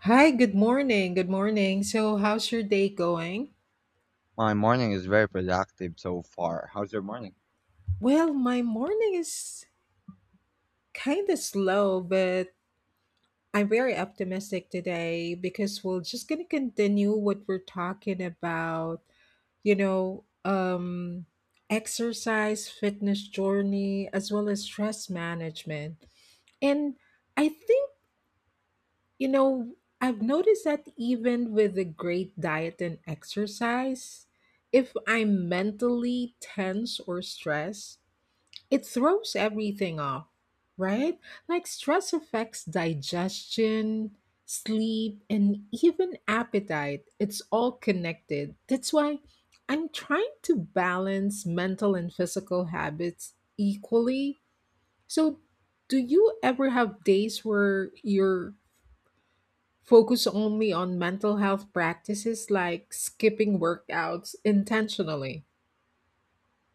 Hi, good morning. Good morning. So, how's your day going? My morning is very productive so far. How's your morning? Well, my morning is kind of slow, but I'm very optimistic today because we're just going to continue what we're talking about, you know, um exercise, fitness journey, as well as stress management. And I think You know, I've noticed that even with a great diet and exercise, if I'm mentally tense or stressed, it throws everything off, right? Like stress affects digestion, sleep, and even appetite. It's all connected. That's why I'm trying to balance mental and physical habits equally. So, do you ever have days where you're Focus only on mental health practices like skipping workouts intentionally?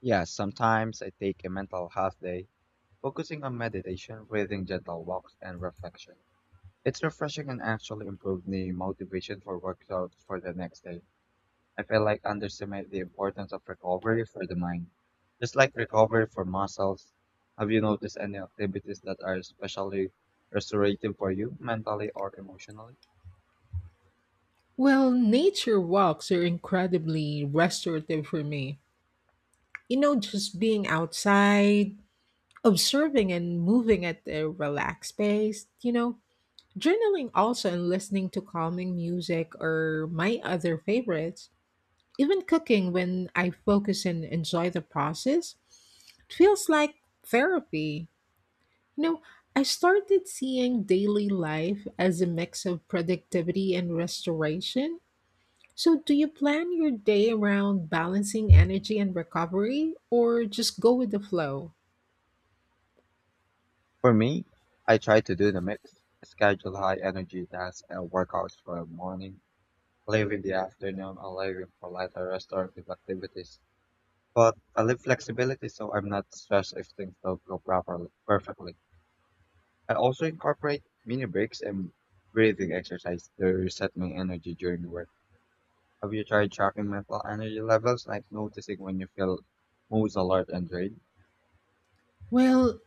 Yeah, sometimes I take a mental health day, focusing on meditation, breathing, gentle walks, and reflection. It's refreshing and actually improved the motivation for workouts for the next day. I feel like underestimate the importance of recovery for the mind. Just like recovery for muscles, have you noticed any activities that are especially restorative for you, mentally or emotionally? Well, nature walks are incredibly restorative for me. You know, just being outside, observing and moving at a relaxed pace. Journaling also and listening to calming music are my other favorites. Even cooking when I focus and enjoy the process, it feels like therapy. No, I started seeing daily life as a mix of productivity and restoration. So, do you plan your day around balancing energy and recovery, or just go with the flow? For me, I try to do the mix, schedule high energy tasks and workouts for the morning, leaving the afternoon and leaving for lighter restorative activities. But I leave flexibility so I'm not stressed if things don't go properly perfectly. I also incorporate mini breaks and breathing exercise to reset my energy during work. Have you tried tracking mental energy levels, like noticing when you feel most alert and drained? Well,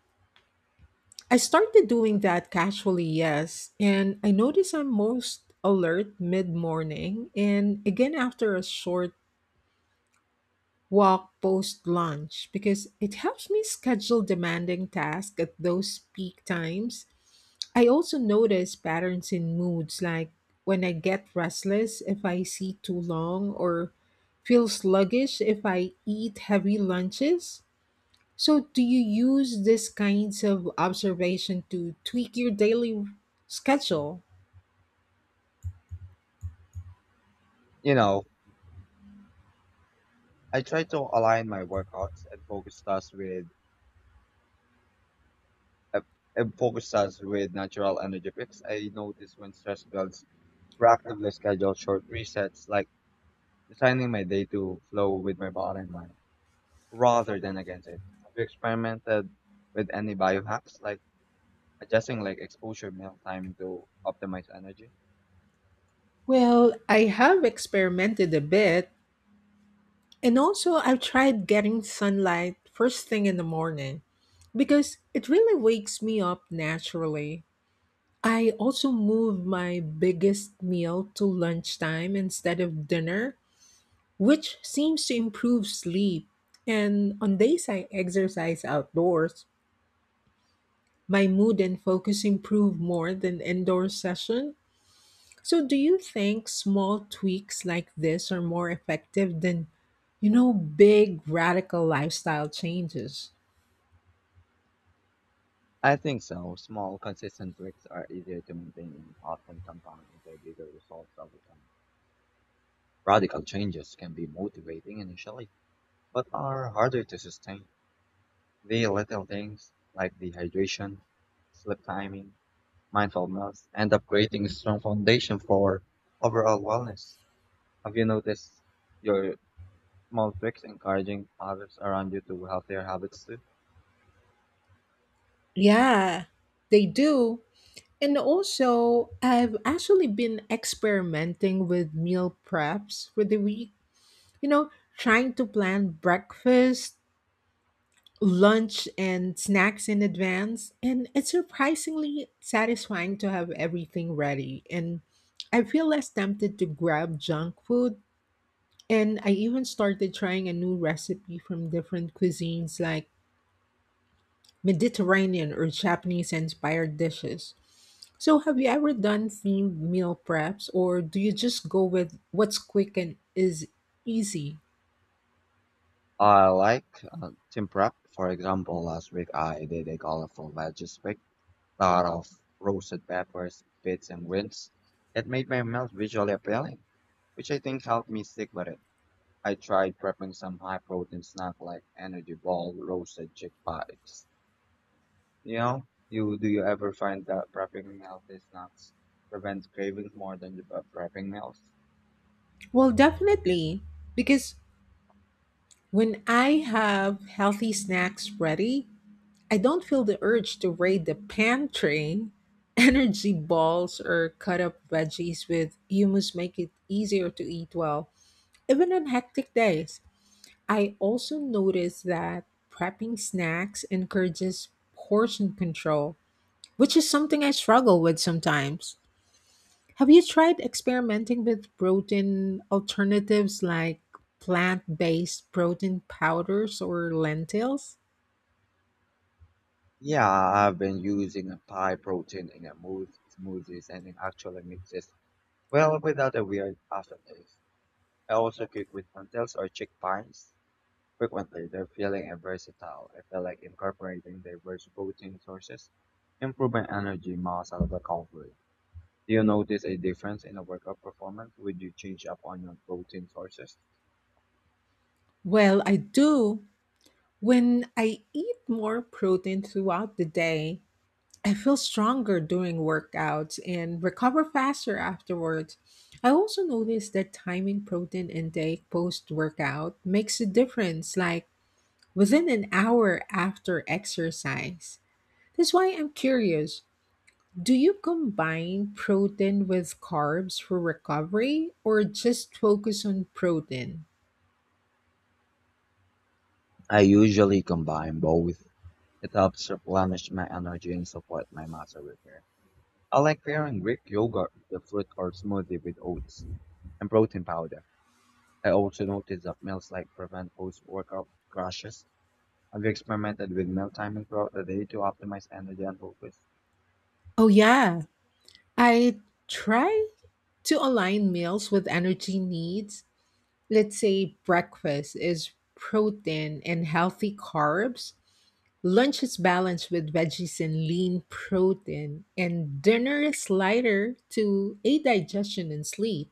I started doing that casually, yes, and I notice I'm most alert mid morning and again after a short walk post lunch because it helps me schedule demanding tasks at those peak times. I also notice patterns in moods, like when I get restless if I sit too long or feel sluggish if I eat heavy lunches. So, do you use these kinds of observation to tweak your daily schedule? You know, I try to align my workouts and focus tasks with a, a focus us with natural energy picks. I notice when stress builds, proactively schedule short resets, like designing my day to flow with my body and mind, rather than against it. Have you experimented with any biohacks, like adjusting like exposure meal timing to optimize energy? Well, I have experimented a bit, and also I've tried getting sunlight first thing in the morning because it really wakes me up naturally. I also moved my biggest meal to lunchtime instead of dinner, which seems to improve sleep. And on days I exercise outdoors, my mood and focus improve more than indoor session. So do you think small tweaks like this are more effective than, big radical lifestyle changes? I think so. Small, consistent tweaks are easier to maintain and often compound into bigger results over time. Radical changes can be motivating initially, but are harder to sustain. The little things, like dehydration, sleep timing, mindfulness, end up creating a strong foundation for overall wellness. Have you noticed your small tricks encouraging others around you to healthier habits too? Yeah, they do. And also, I've actually been experimenting with meal preps for the week. You know, trying to plan breakfast, lunch, and snacks in advance. And it's surprisingly satisfying to have everything ready. And I feel less tempted to grab junk food. And I even started trying a new recipe from different cuisines like Mediterranean or Japanese inspired dishes. So, have you ever done themed meal preps or do you just go with what's quick and is easy? I like team prep. For example, last week I did a colorful veggie pick, lot of roasted peppers, bits, and greens. It made my meals visually appealing, which I think helped me stick with it. I tried prepping some high protein snack like energy ball, roasted chick pies. You know, you ever find that prepping healthy snacks prevents cravings more than the prepping meals? Well, definitely, because when I have healthy snacks ready, I don't feel the urge to raid the pantry. Energy balls or cut up veggies with hummus make it easier to eat well, even on hectic days. I also noticed that prepping snacks encourages portion control, which is something I struggle with sometimes. Have you tried experimenting with protein alternatives like plant based protein powders or lentils? Yeah, I've been using a pie protein in a smoothies and it actually mixes well without a weird aftertaste. I also cook with lentils or chickpeas frequently. They're feeling and versatile. I feel like incorporating diverse protein sources improve my energy, muscle recovery. Do you notice a difference in a workout performance Would you change up on your protein sources? Well, I do. When I eat more protein throughout the day, I feel stronger during workouts and recover faster afterwards. I also noticed that timing protein intake post workout makes a difference, like within an hour after exercise. That's why I'm curious, do you combine protein with carbs for recovery or just focus on protein? I usually combine both. It helps replenish my energy and support my muscle repair. I like pairing Greek yogurt with a fruit or smoothie with oats and protein powder. I also notice that meals like prevent post-workout crashes. Have you experimented with meal timing throughout the day to optimize energy and focus? Oh, yeah. I try to align meals with energy needs. Let's say breakfast is protein and healthy carbs, lunch is balanced with veggies and lean protein, and dinner is lighter to aid digestion and sleep.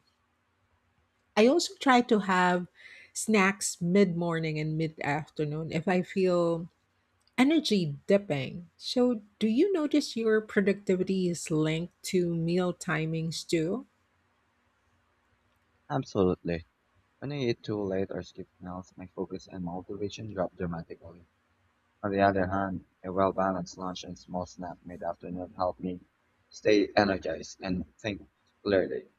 I also try to have snacks mid morning and mid afternoon if I feel energy dipping. So, do you notice your productivity is linked to meal timings too? Absolutely. When I eat too late or skip meals, my focus and motivation drop dramatically. On the other hand, a well-balanced lunch and small snack mid-afternoon help me stay energized and think clearly.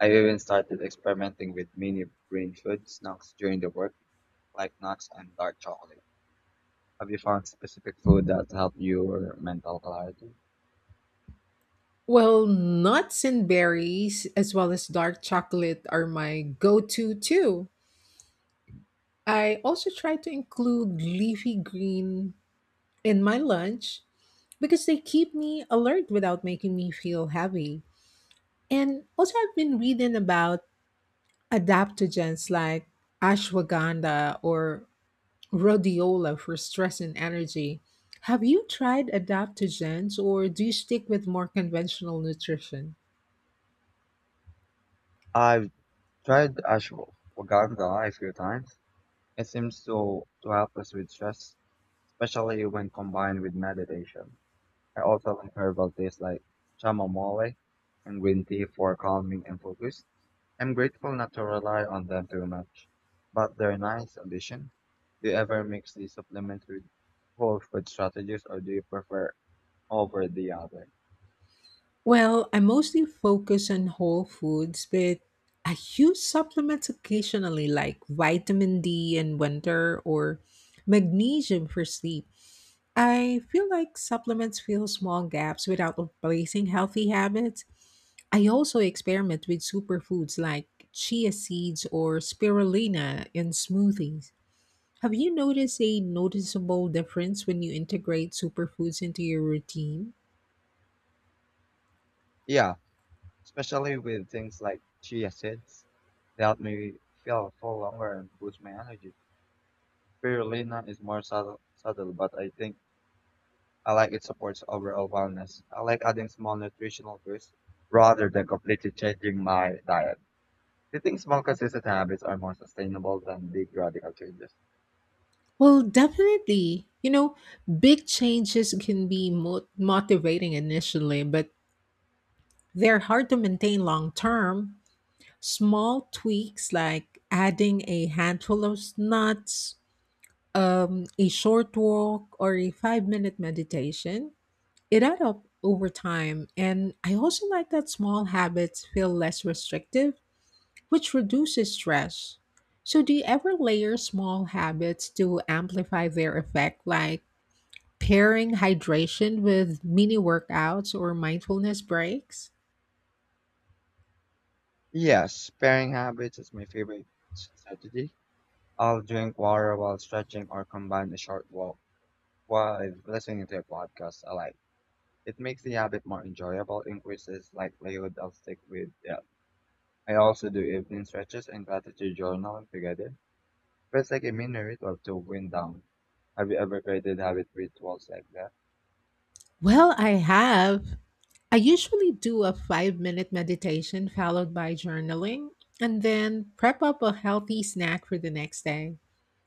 I've even started experimenting with mini brain food snacks during the work, like nuts and dark chocolate. Have you found specific food that help your mental clarity? Well, nuts and berries, as well as dark chocolate, are my go to too. I also try to include leafy green in my lunch because they keep me alert without making me feel heavy. And also, I've been reading about adaptogens like ashwagandha or rhodiola for stress and energy. Have you tried adaptogens or do you stick with more conventional nutrition? I've tried ashwagandha a few times. It seems to help us with stress, especially when combined with meditation. I also like herbal teas like chamomile and green tea for calming and focus. I'm grateful not to rely on them too much, but they're a nice addition. Do you ever mix these supplements with whole food strategies or do you prefer over the other. Well, I mostly focus on whole foods, but I use supplements occasionally like vitamin D in winter or magnesium for sleep. I feel like supplements fill small gaps without replacing healthy habits. I also experiment with superfoods like chia seeds or spirulina in smoothies. Have you noticed a noticeable difference when you integrate superfoods into your routine? Yeah, especially with things like chia seeds. They help me feel full longer and boost my energy. Spirulina is more subtle, but I think I like it supports overall wellness. I like adding small nutritional boosts rather than completely changing my diet. Do you think small consistent habits are more sustainable than big radical changes? Well, definitely. You know, big changes can be motivating initially, but they're hard to maintain long term. Small tweaks like adding a handful of nuts, a short walk, or a 5-minute meditation, it add up over time. And I also like that small habits feel less restrictive, which reduces stress. So, do you ever layer small habits to amplify their effect, like pairing hydration with mini workouts or mindfulness breaks? Yes, pairing habits is my favorite strategy. I'll drink water while stretching or combine a short walk while listening to a podcast I like. It makes the habit more enjoyable, increases likelihood I'll stick with. Yeah. I also do evening stretches and gratitude journaling together. Feels like a mini ritual to wind down. Have you ever created habit rituals like that? Well, I have. I usually do a 5-minute meditation followed by journaling and then prep up a healthy snack for the next day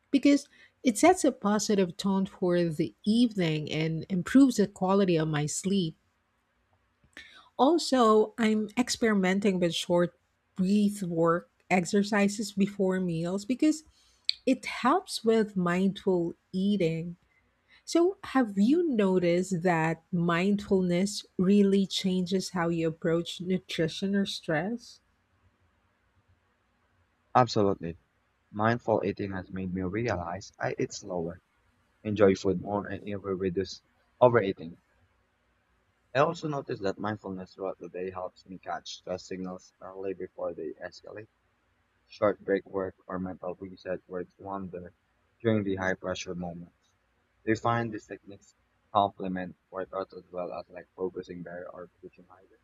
because it sets a positive tone for the evening and improves the quality of my sleep. Also, I'm experimenting with short breath work exercises before meals because it helps with mindful eating. So, have you noticed that mindfulness really changes how you approach nutrition or stress? Absolutely. Mindful eating has made me realize I eat slower, enjoy food more, and even reduce overeating. I also noticed that mindfulness throughout the day helps me catch stress signals early before they escalate. Short break work or mental reset works wonder during the high pressure moments. They find these techniques complement workouts as well as like focusing better or pushing higher.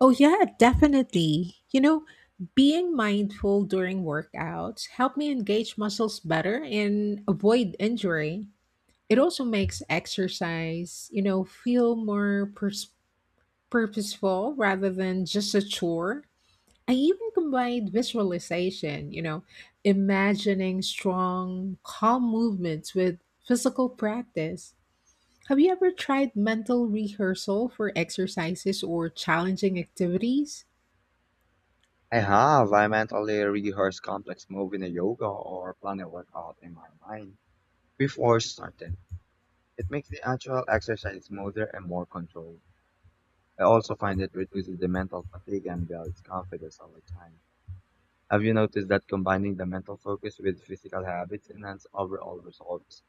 Oh, yeah, definitely. You know, being mindful during workouts help me engage muscles better and avoid injury. It also makes exercise, feel more purposeful rather than just a chore. I even combined visualization, imagining strong, calm movements with physical practice. Have you ever tried mental rehearsal for exercises or challenging activities? I have. I mentally rehearse complex move in a yoga or plan a workout in my mind before starting. It makes the actual exercise smoother and more controlled. I also find it reduces the mental fatigue and builds confidence over time. Have you noticed that combining the mental focus with physical habits enhance overall results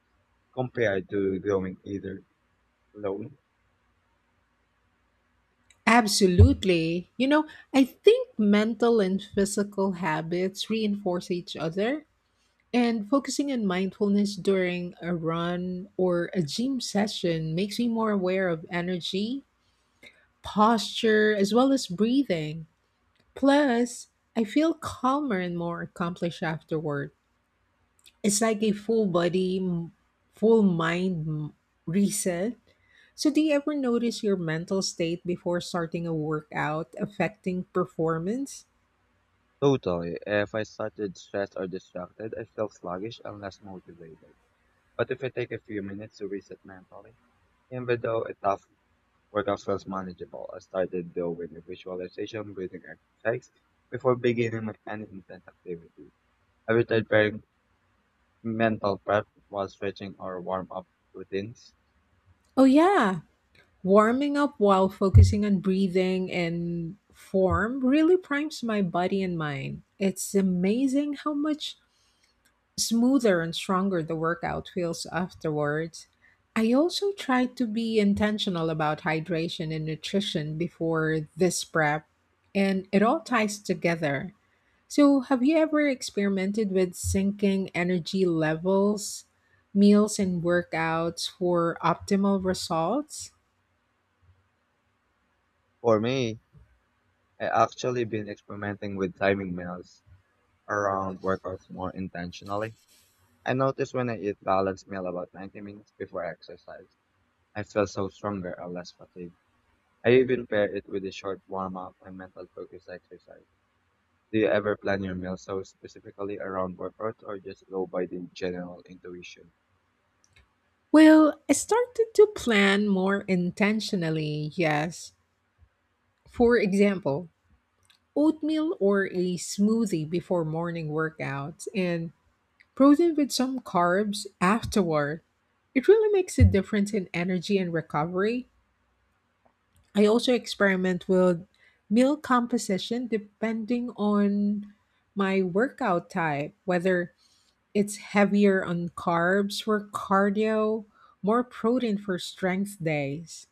compared to going either alone? Absolutely. You know, I think mental and physical habits reinforce each other. And focusing on mindfulness during a run or a gym session makes me more aware of energy, posture, as well as breathing. Plus, I feel calmer and more accomplished afterward. It's like a full reset. So, do you ever notice your mental state before starting a workout affecting performance? Totally. If I started stressed or distracted, I feel sluggish and less motivated. But if I take a few minutes to reset mentally, even though a tough workout feels manageable, I started though with a visualization breathing exercise before beginning with any intense activity. I started pairing mental prep while stretching or warm up routines. Oh, yeah. Warming up while focusing on breathing and form really primes my body and mind. It's amazing how much smoother and stronger the workout feels afterwards. I also try to be intentional about hydration and nutrition before this prep, and it all ties together. So, have you ever experimented with syncing energy levels, meals, and workouts for optimal results? For me, I actually been experimenting with timing meals around workouts more intentionally. I notice when I eat balanced meal about 90 minutes before exercise, I feel so stronger and less fatigued. I even pair it with a short warm up and mental focus exercise. Do you ever plan your meals so specifically around workouts or just go by the general intuition? Well, I started to plan more intentionally, yes. For example, oatmeal or a smoothie before morning workouts and protein with some carbs afterward. It really makes a difference in energy and recovery. I also experiment with meal composition depending on my workout type, whether it's heavier on carbs for cardio, more protein for strength days.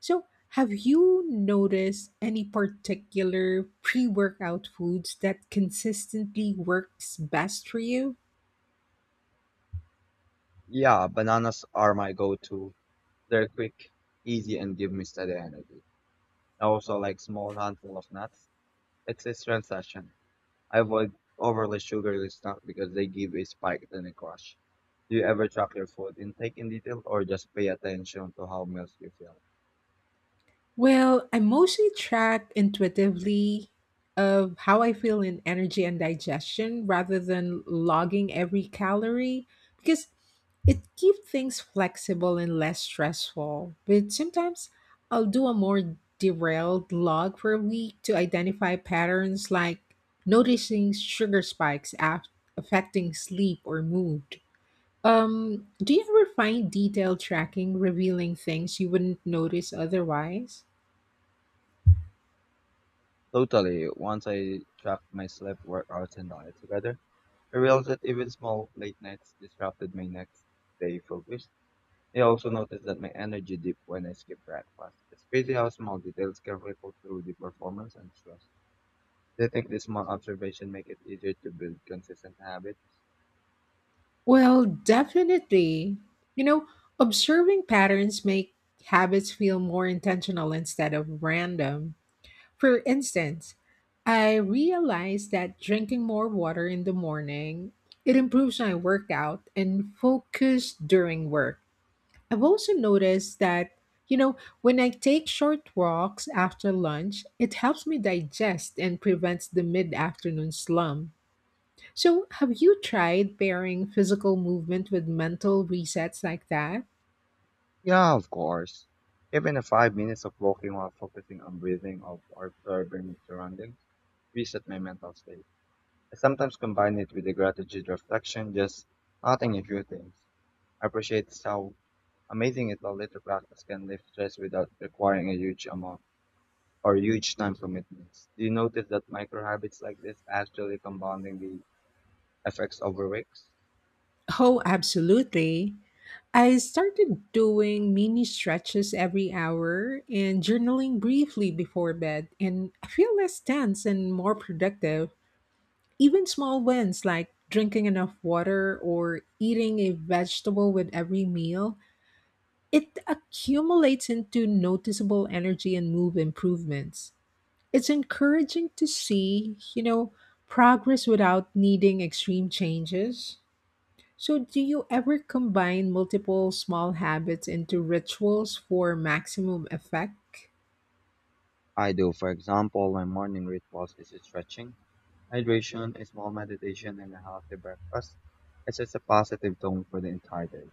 So, have you noticed any particular pre workout foods that consistently works best for you? Yeah, bananas are my go-to. They're quick, easy, and give me steady energy. I also like small handful of nuts. It's a transaction. I avoid overly sugary snacks because they give a spike then a crash. Do you ever track your food intake in detail or just pay attention to how meals you feel? Well, I mostly track intuitively of how I feel in energy and digestion rather than logging every calorie because it keeps things flexible and less stressful. But sometimes I'll do a more derailed log for a week to identify patterns, like noticing sugar spikes affecting sleep or mood. Do you ever find detailed tracking revealing things you wouldn't notice otherwise? Totally. Once I track my sleep, workouts, and diet together, I realized that even small late nights disrupted my next day focus. I also noticed that my energy dipped when I skipped breakfast. It's crazy how small details can ripple through the performance and stress. Do you think this small observation make it easier to build consistent habits? Well, definitely. You know, observing patterns make habits feel more intentional instead of random. For instance, I realized that drinking more water in the morning, it improves my workout and focus during work. I've also noticed that, when I take short walks after lunch, it helps me digest and prevents the mid-afternoon slump. So, have you tried pairing physical movement with mental resets like that? Yeah, of course. Even a 5 minutes of walking while focusing on breathing or observing surroundings reset my mental state. I sometimes combine it with the gratitude reflection, just noting a few things. Appreciates how amazing it a little practice can lift stress without requiring a huge amount or huge time commitments. Do you notice that micro habits like this actually compounding the effects over weeks? Oh, absolutely. I started doing mini stretches every hour and journaling briefly before bed, and I feel less tense and more productive. Even small wins like drinking enough water or eating a vegetable with every meal, it accumulates into noticeable energy and mood improvements. It's encouraging to see, progress without needing extreme changes. So, do you ever combine multiple small habits into rituals for maximum effect? I do. For example, my morning rituals is stretching, hydration, a small meditation, and a healthy breakfast. It sets a positive tone for the entire day.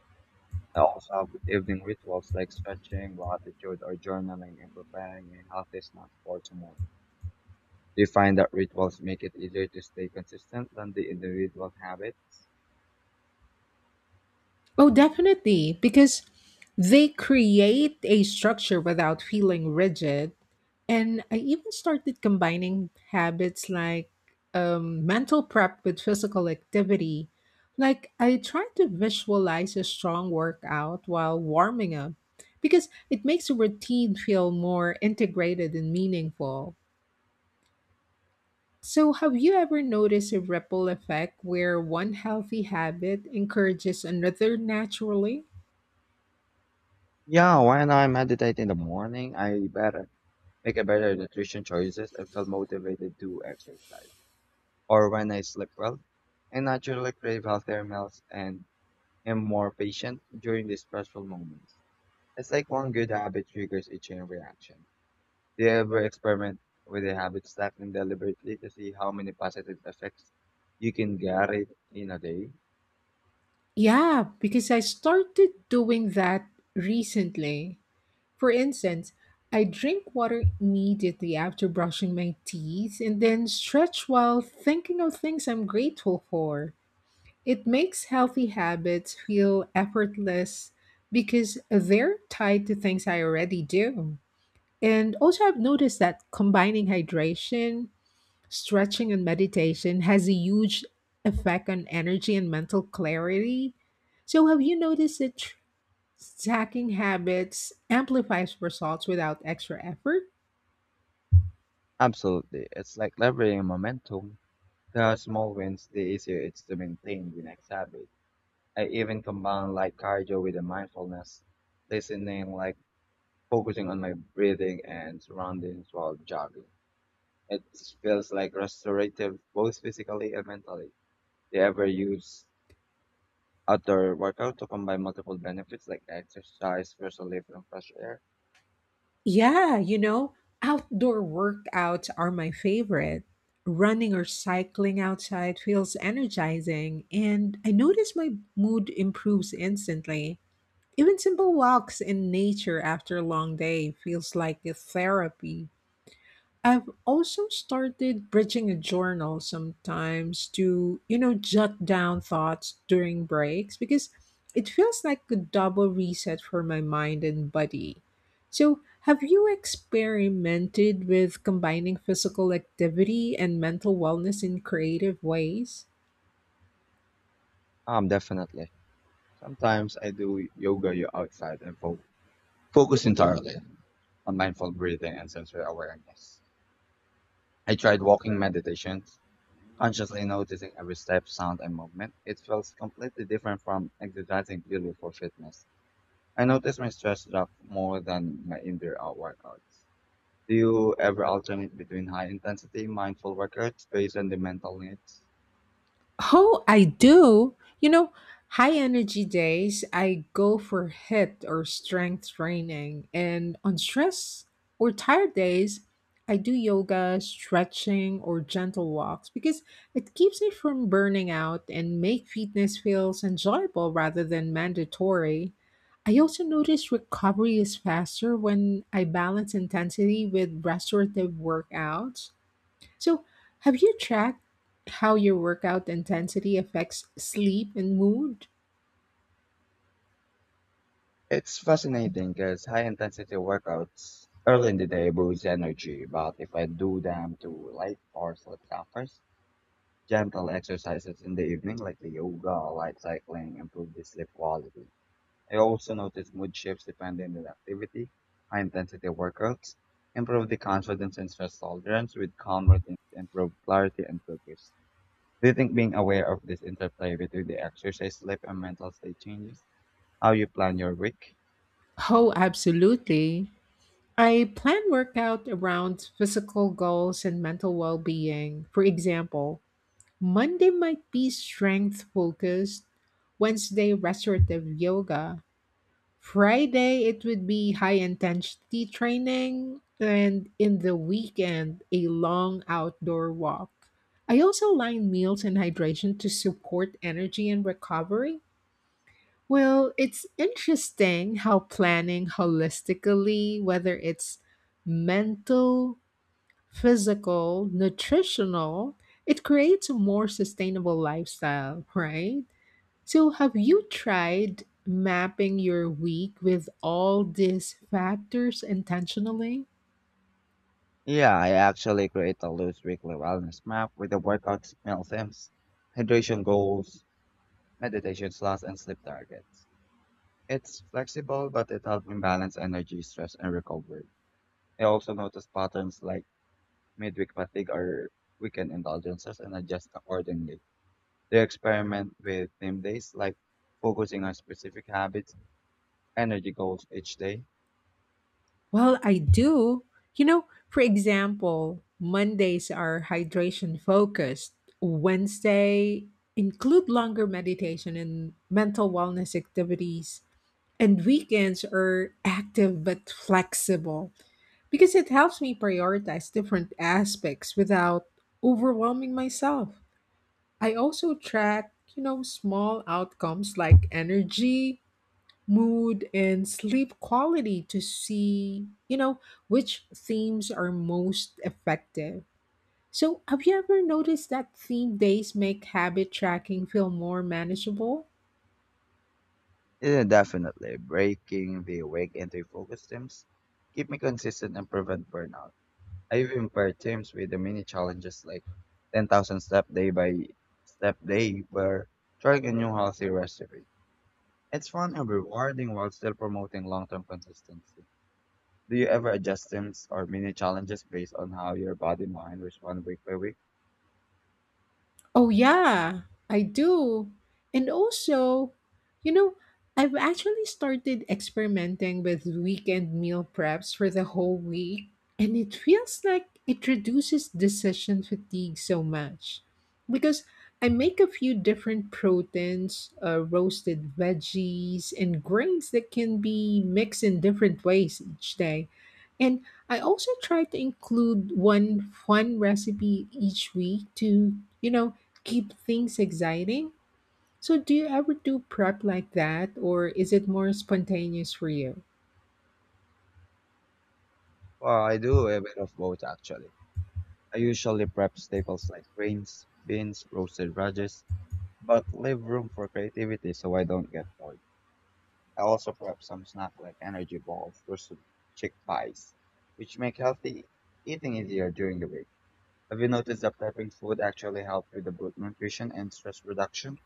I also have evening rituals like stretching, gratitude, or journaling, and preparing a healthy snack for tomorrow. Do you find that rituals make it easier to stay consistent than the individual habits? Oh, definitely, because they create a structure without feeling rigid. And I even started combining habits like mental prep with physical activity. Like I try to visualize a strong workout while warming up because it makes a routine feel more integrated and meaningful. So, have you ever noticed a ripple effect where one healthy habit encourages another naturally? Yeah, when I meditate in the morning, I better make a better nutrition choices and feel motivated to exercise. Or when I sleep well, I naturally crave healthier meals and am more patient during these stressful moments. It's like one good habit triggers a chain reaction. Do you ever experiment with a habit stacking deliberately to see how many positive effects you can get it in a day? Yeah, because I started doing that recently. For instance, I drink water immediately after brushing my teeth and then stretch while thinking of things I'm grateful for. It makes healthy habits feel effortless because they're tied to things I already do. And also, I've noticed that combining hydration, stretching, and meditation has a huge effect on energy and mental clarity. So, have you noticed it? Stacking habits amplifies results without extra effort. Absolutely. It's like leveraging momentum. The small wins, the easier it's to maintain the next habit. I even combine like cardio with the mindfulness, listening, like focusing on my breathing and surroundings while jogging. It feels like restorative both physically and mentally. Do you ever use outdoor workout to combine multiple benefits like exercise, fresh relief, and fresh air? Yeah, you know, outdoor workouts are my favorite. Running or cycling outside feels energizing, and I notice my mood improves instantly. Even simple walks in nature after a long day feels like a therapy. I've also started bridging a journal sometimes to, jot down thoughts during breaks because it feels like a double reset for my mind and body. So, have you experimented with combining physical activity and mental wellness in creative ways? Definitely. Sometimes I do yoga you outside and focus entirely on mindful breathing and sensory awareness. I tried walking meditation, consciously noticing every step, sound, and movement. It feels completely different from exercising purely for fitness. I noticed my stress drop more than my indoor out workouts. Do you ever alternate between high intensity mindful workouts based on the mental needs? Oh, I do. You know, high energy days, I go for HIIT or strength training. And on stress or tired days, I do yoga, stretching, or gentle walks because it keeps me from burning out and make fitness feels enjoyable rather than mandatory. I also notice recovery is faster when I balance intensity with restorative workouts. So, have you tracked how your workout intensity affects sleep and mood? It's fascinating because high intensity workouts early in the day boosts energy, but if I do them too late or sleep suffers, gentle exercises in the evening, like the yoga or light cycling, improve the sleep quality. I also notice mood shifts depending on the activity. High intensity workouts improve the confidence and stress tolerance, with calm routines improve clarity and focus. Do you think being aware of this interplay between the exercise, sleep, and mental state changes how you plan your week? Oh, absolutely. I plan workout around physical goals and mental well being. For example, Monday might be strength focused, Wednesday, restorative yoga, Friday, it would be high intensity training, and in the weekend, a long outdoor walk. I also align meals and hydration to support energy and recovery. Well, it's interesting how planning holistically, whether it's mental, physical, nutritional, it creates a more sustainable lifestyle, right? So, have you tried mapping your week with all these factors intentionally? Yeah, I actually create a loose weekly wellness map with the workouts, meal themes, hydration goals, meditation slots, and sleep targets. It's flexible, but it helped me balance energy, stress, and recovery. I also noticed patterns like midweek fatigue or weekend indulgences and adjust accordingly. They experiment with theme days, like focusing on specific habits, energy goals each day. Well, I do. For example, Mondays are hydration focused. Wednesday include longer meditation and mental wellness activities. And weekends are active but flexible because it helps me prioritize different aspects without overwhelming myself. I also track, small outcomes like energy, mood, and sleep quality to see, which themes are most effective. So, have you ever noticed that theme days make habit tracking feel more manageable? Yeah, definitely. Breaking the awake into focus teams keep me consistent and prevent burnout. I even paired teams with the mini challenges like 10,000 step day by step day where trying a new healthy recipe. It's fun and rewarding while still promoting long-term consistency. Do you ever adjust sims or mini challenges based on how your body and mind respond week by week? Oh, yeah, I do. And also, you know, I've actually started experimenting with weekend meal preps for the whole week, and it feels like it reduces decision fatigue so much. Because I make a few different proteins, roasted veggies, and grains that can be mixed in different ways each day. And I also try to include one fun recipe each week to, keep things exciting. So, do you ever do prep like that, or is it more spontaneous for you? Well, I do a bit of both actually. I usually prep staples like grains, beans, roasted radishes, but leave room for creativity so I don't get bored. I also prep some snack like energy balls, roasted chickpeas, which make healthy eating easier during the week. Have you noticed that prepping food actually helps with the good nutrition and stress reduction?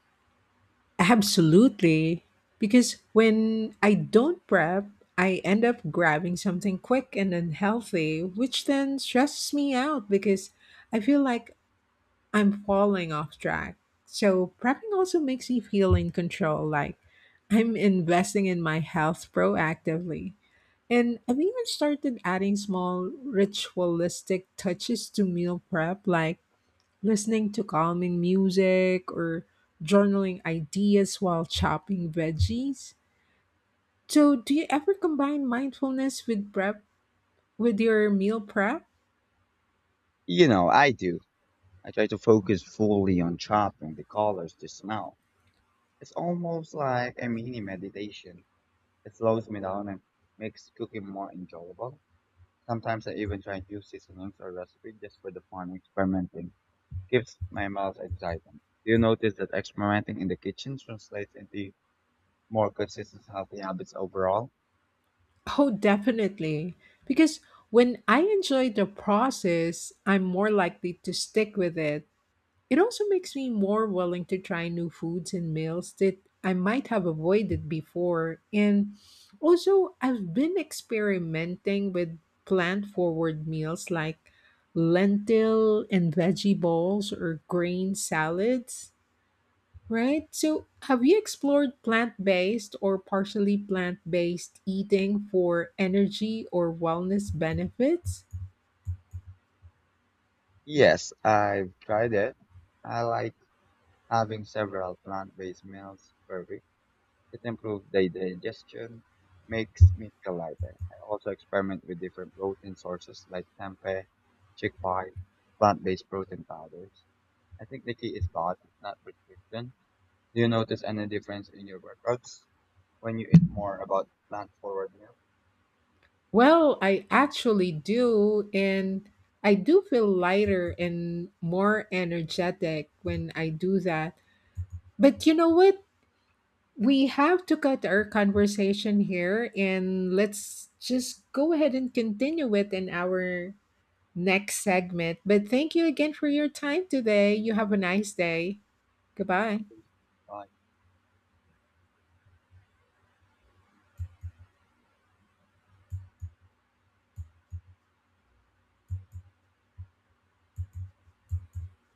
Absolutely. Because when I don't prep, I end up grabbing something quick and unhealthy, which then stresses me out because I feel like I'm falling off track. So, prepping also makes me feel in control, like I'm investing in my health proactively. And I've even started adding small ritualistic touches to meal prep, like listening to calming music or journaling ideas while chopping veggies. So, do you ever combine mindfulness with prep with your meal prep? You know, I do. I try to focus fully on chopping the colors the smell. It's almost like a mini meditation. It slows me down and makes cooking more enjoyable. Sometimes I even try new seasonings or recipes just for the fun of experimenting. Gives my mouth excitement. Do you notice that experimenting in the kitchen translates into more consistent healthy habits overall? Oh, definitely. Because when I enjoy the process, I'm more likely to stick with it. It also makes me more willing to try new foods and meals that I might have avoided before. And also, I've been experimenting with plant forward meals like lentil and veggie balls or grain salads, right? So, have you explored plant based or partially plant based eating for energy or wellness benefits? Yes, I've tried it. I like having several plant-based meals per week It improves the digestion, makes me feel lighter. I also experiment with different protein sources like tempeh, chickpea, plant-based protein powders. I think the key is balance, not restriction. Do you notice any difference in your workouts when you eat more about plant-forward meals? Well, I actually do. And I do feel lighter and more energetic when I do that. But you know what? We have to cut our conversation here and let's just go ahead and continue it in our next segment. But thank you again for your time today. You have a nice day. Goodbye. Why?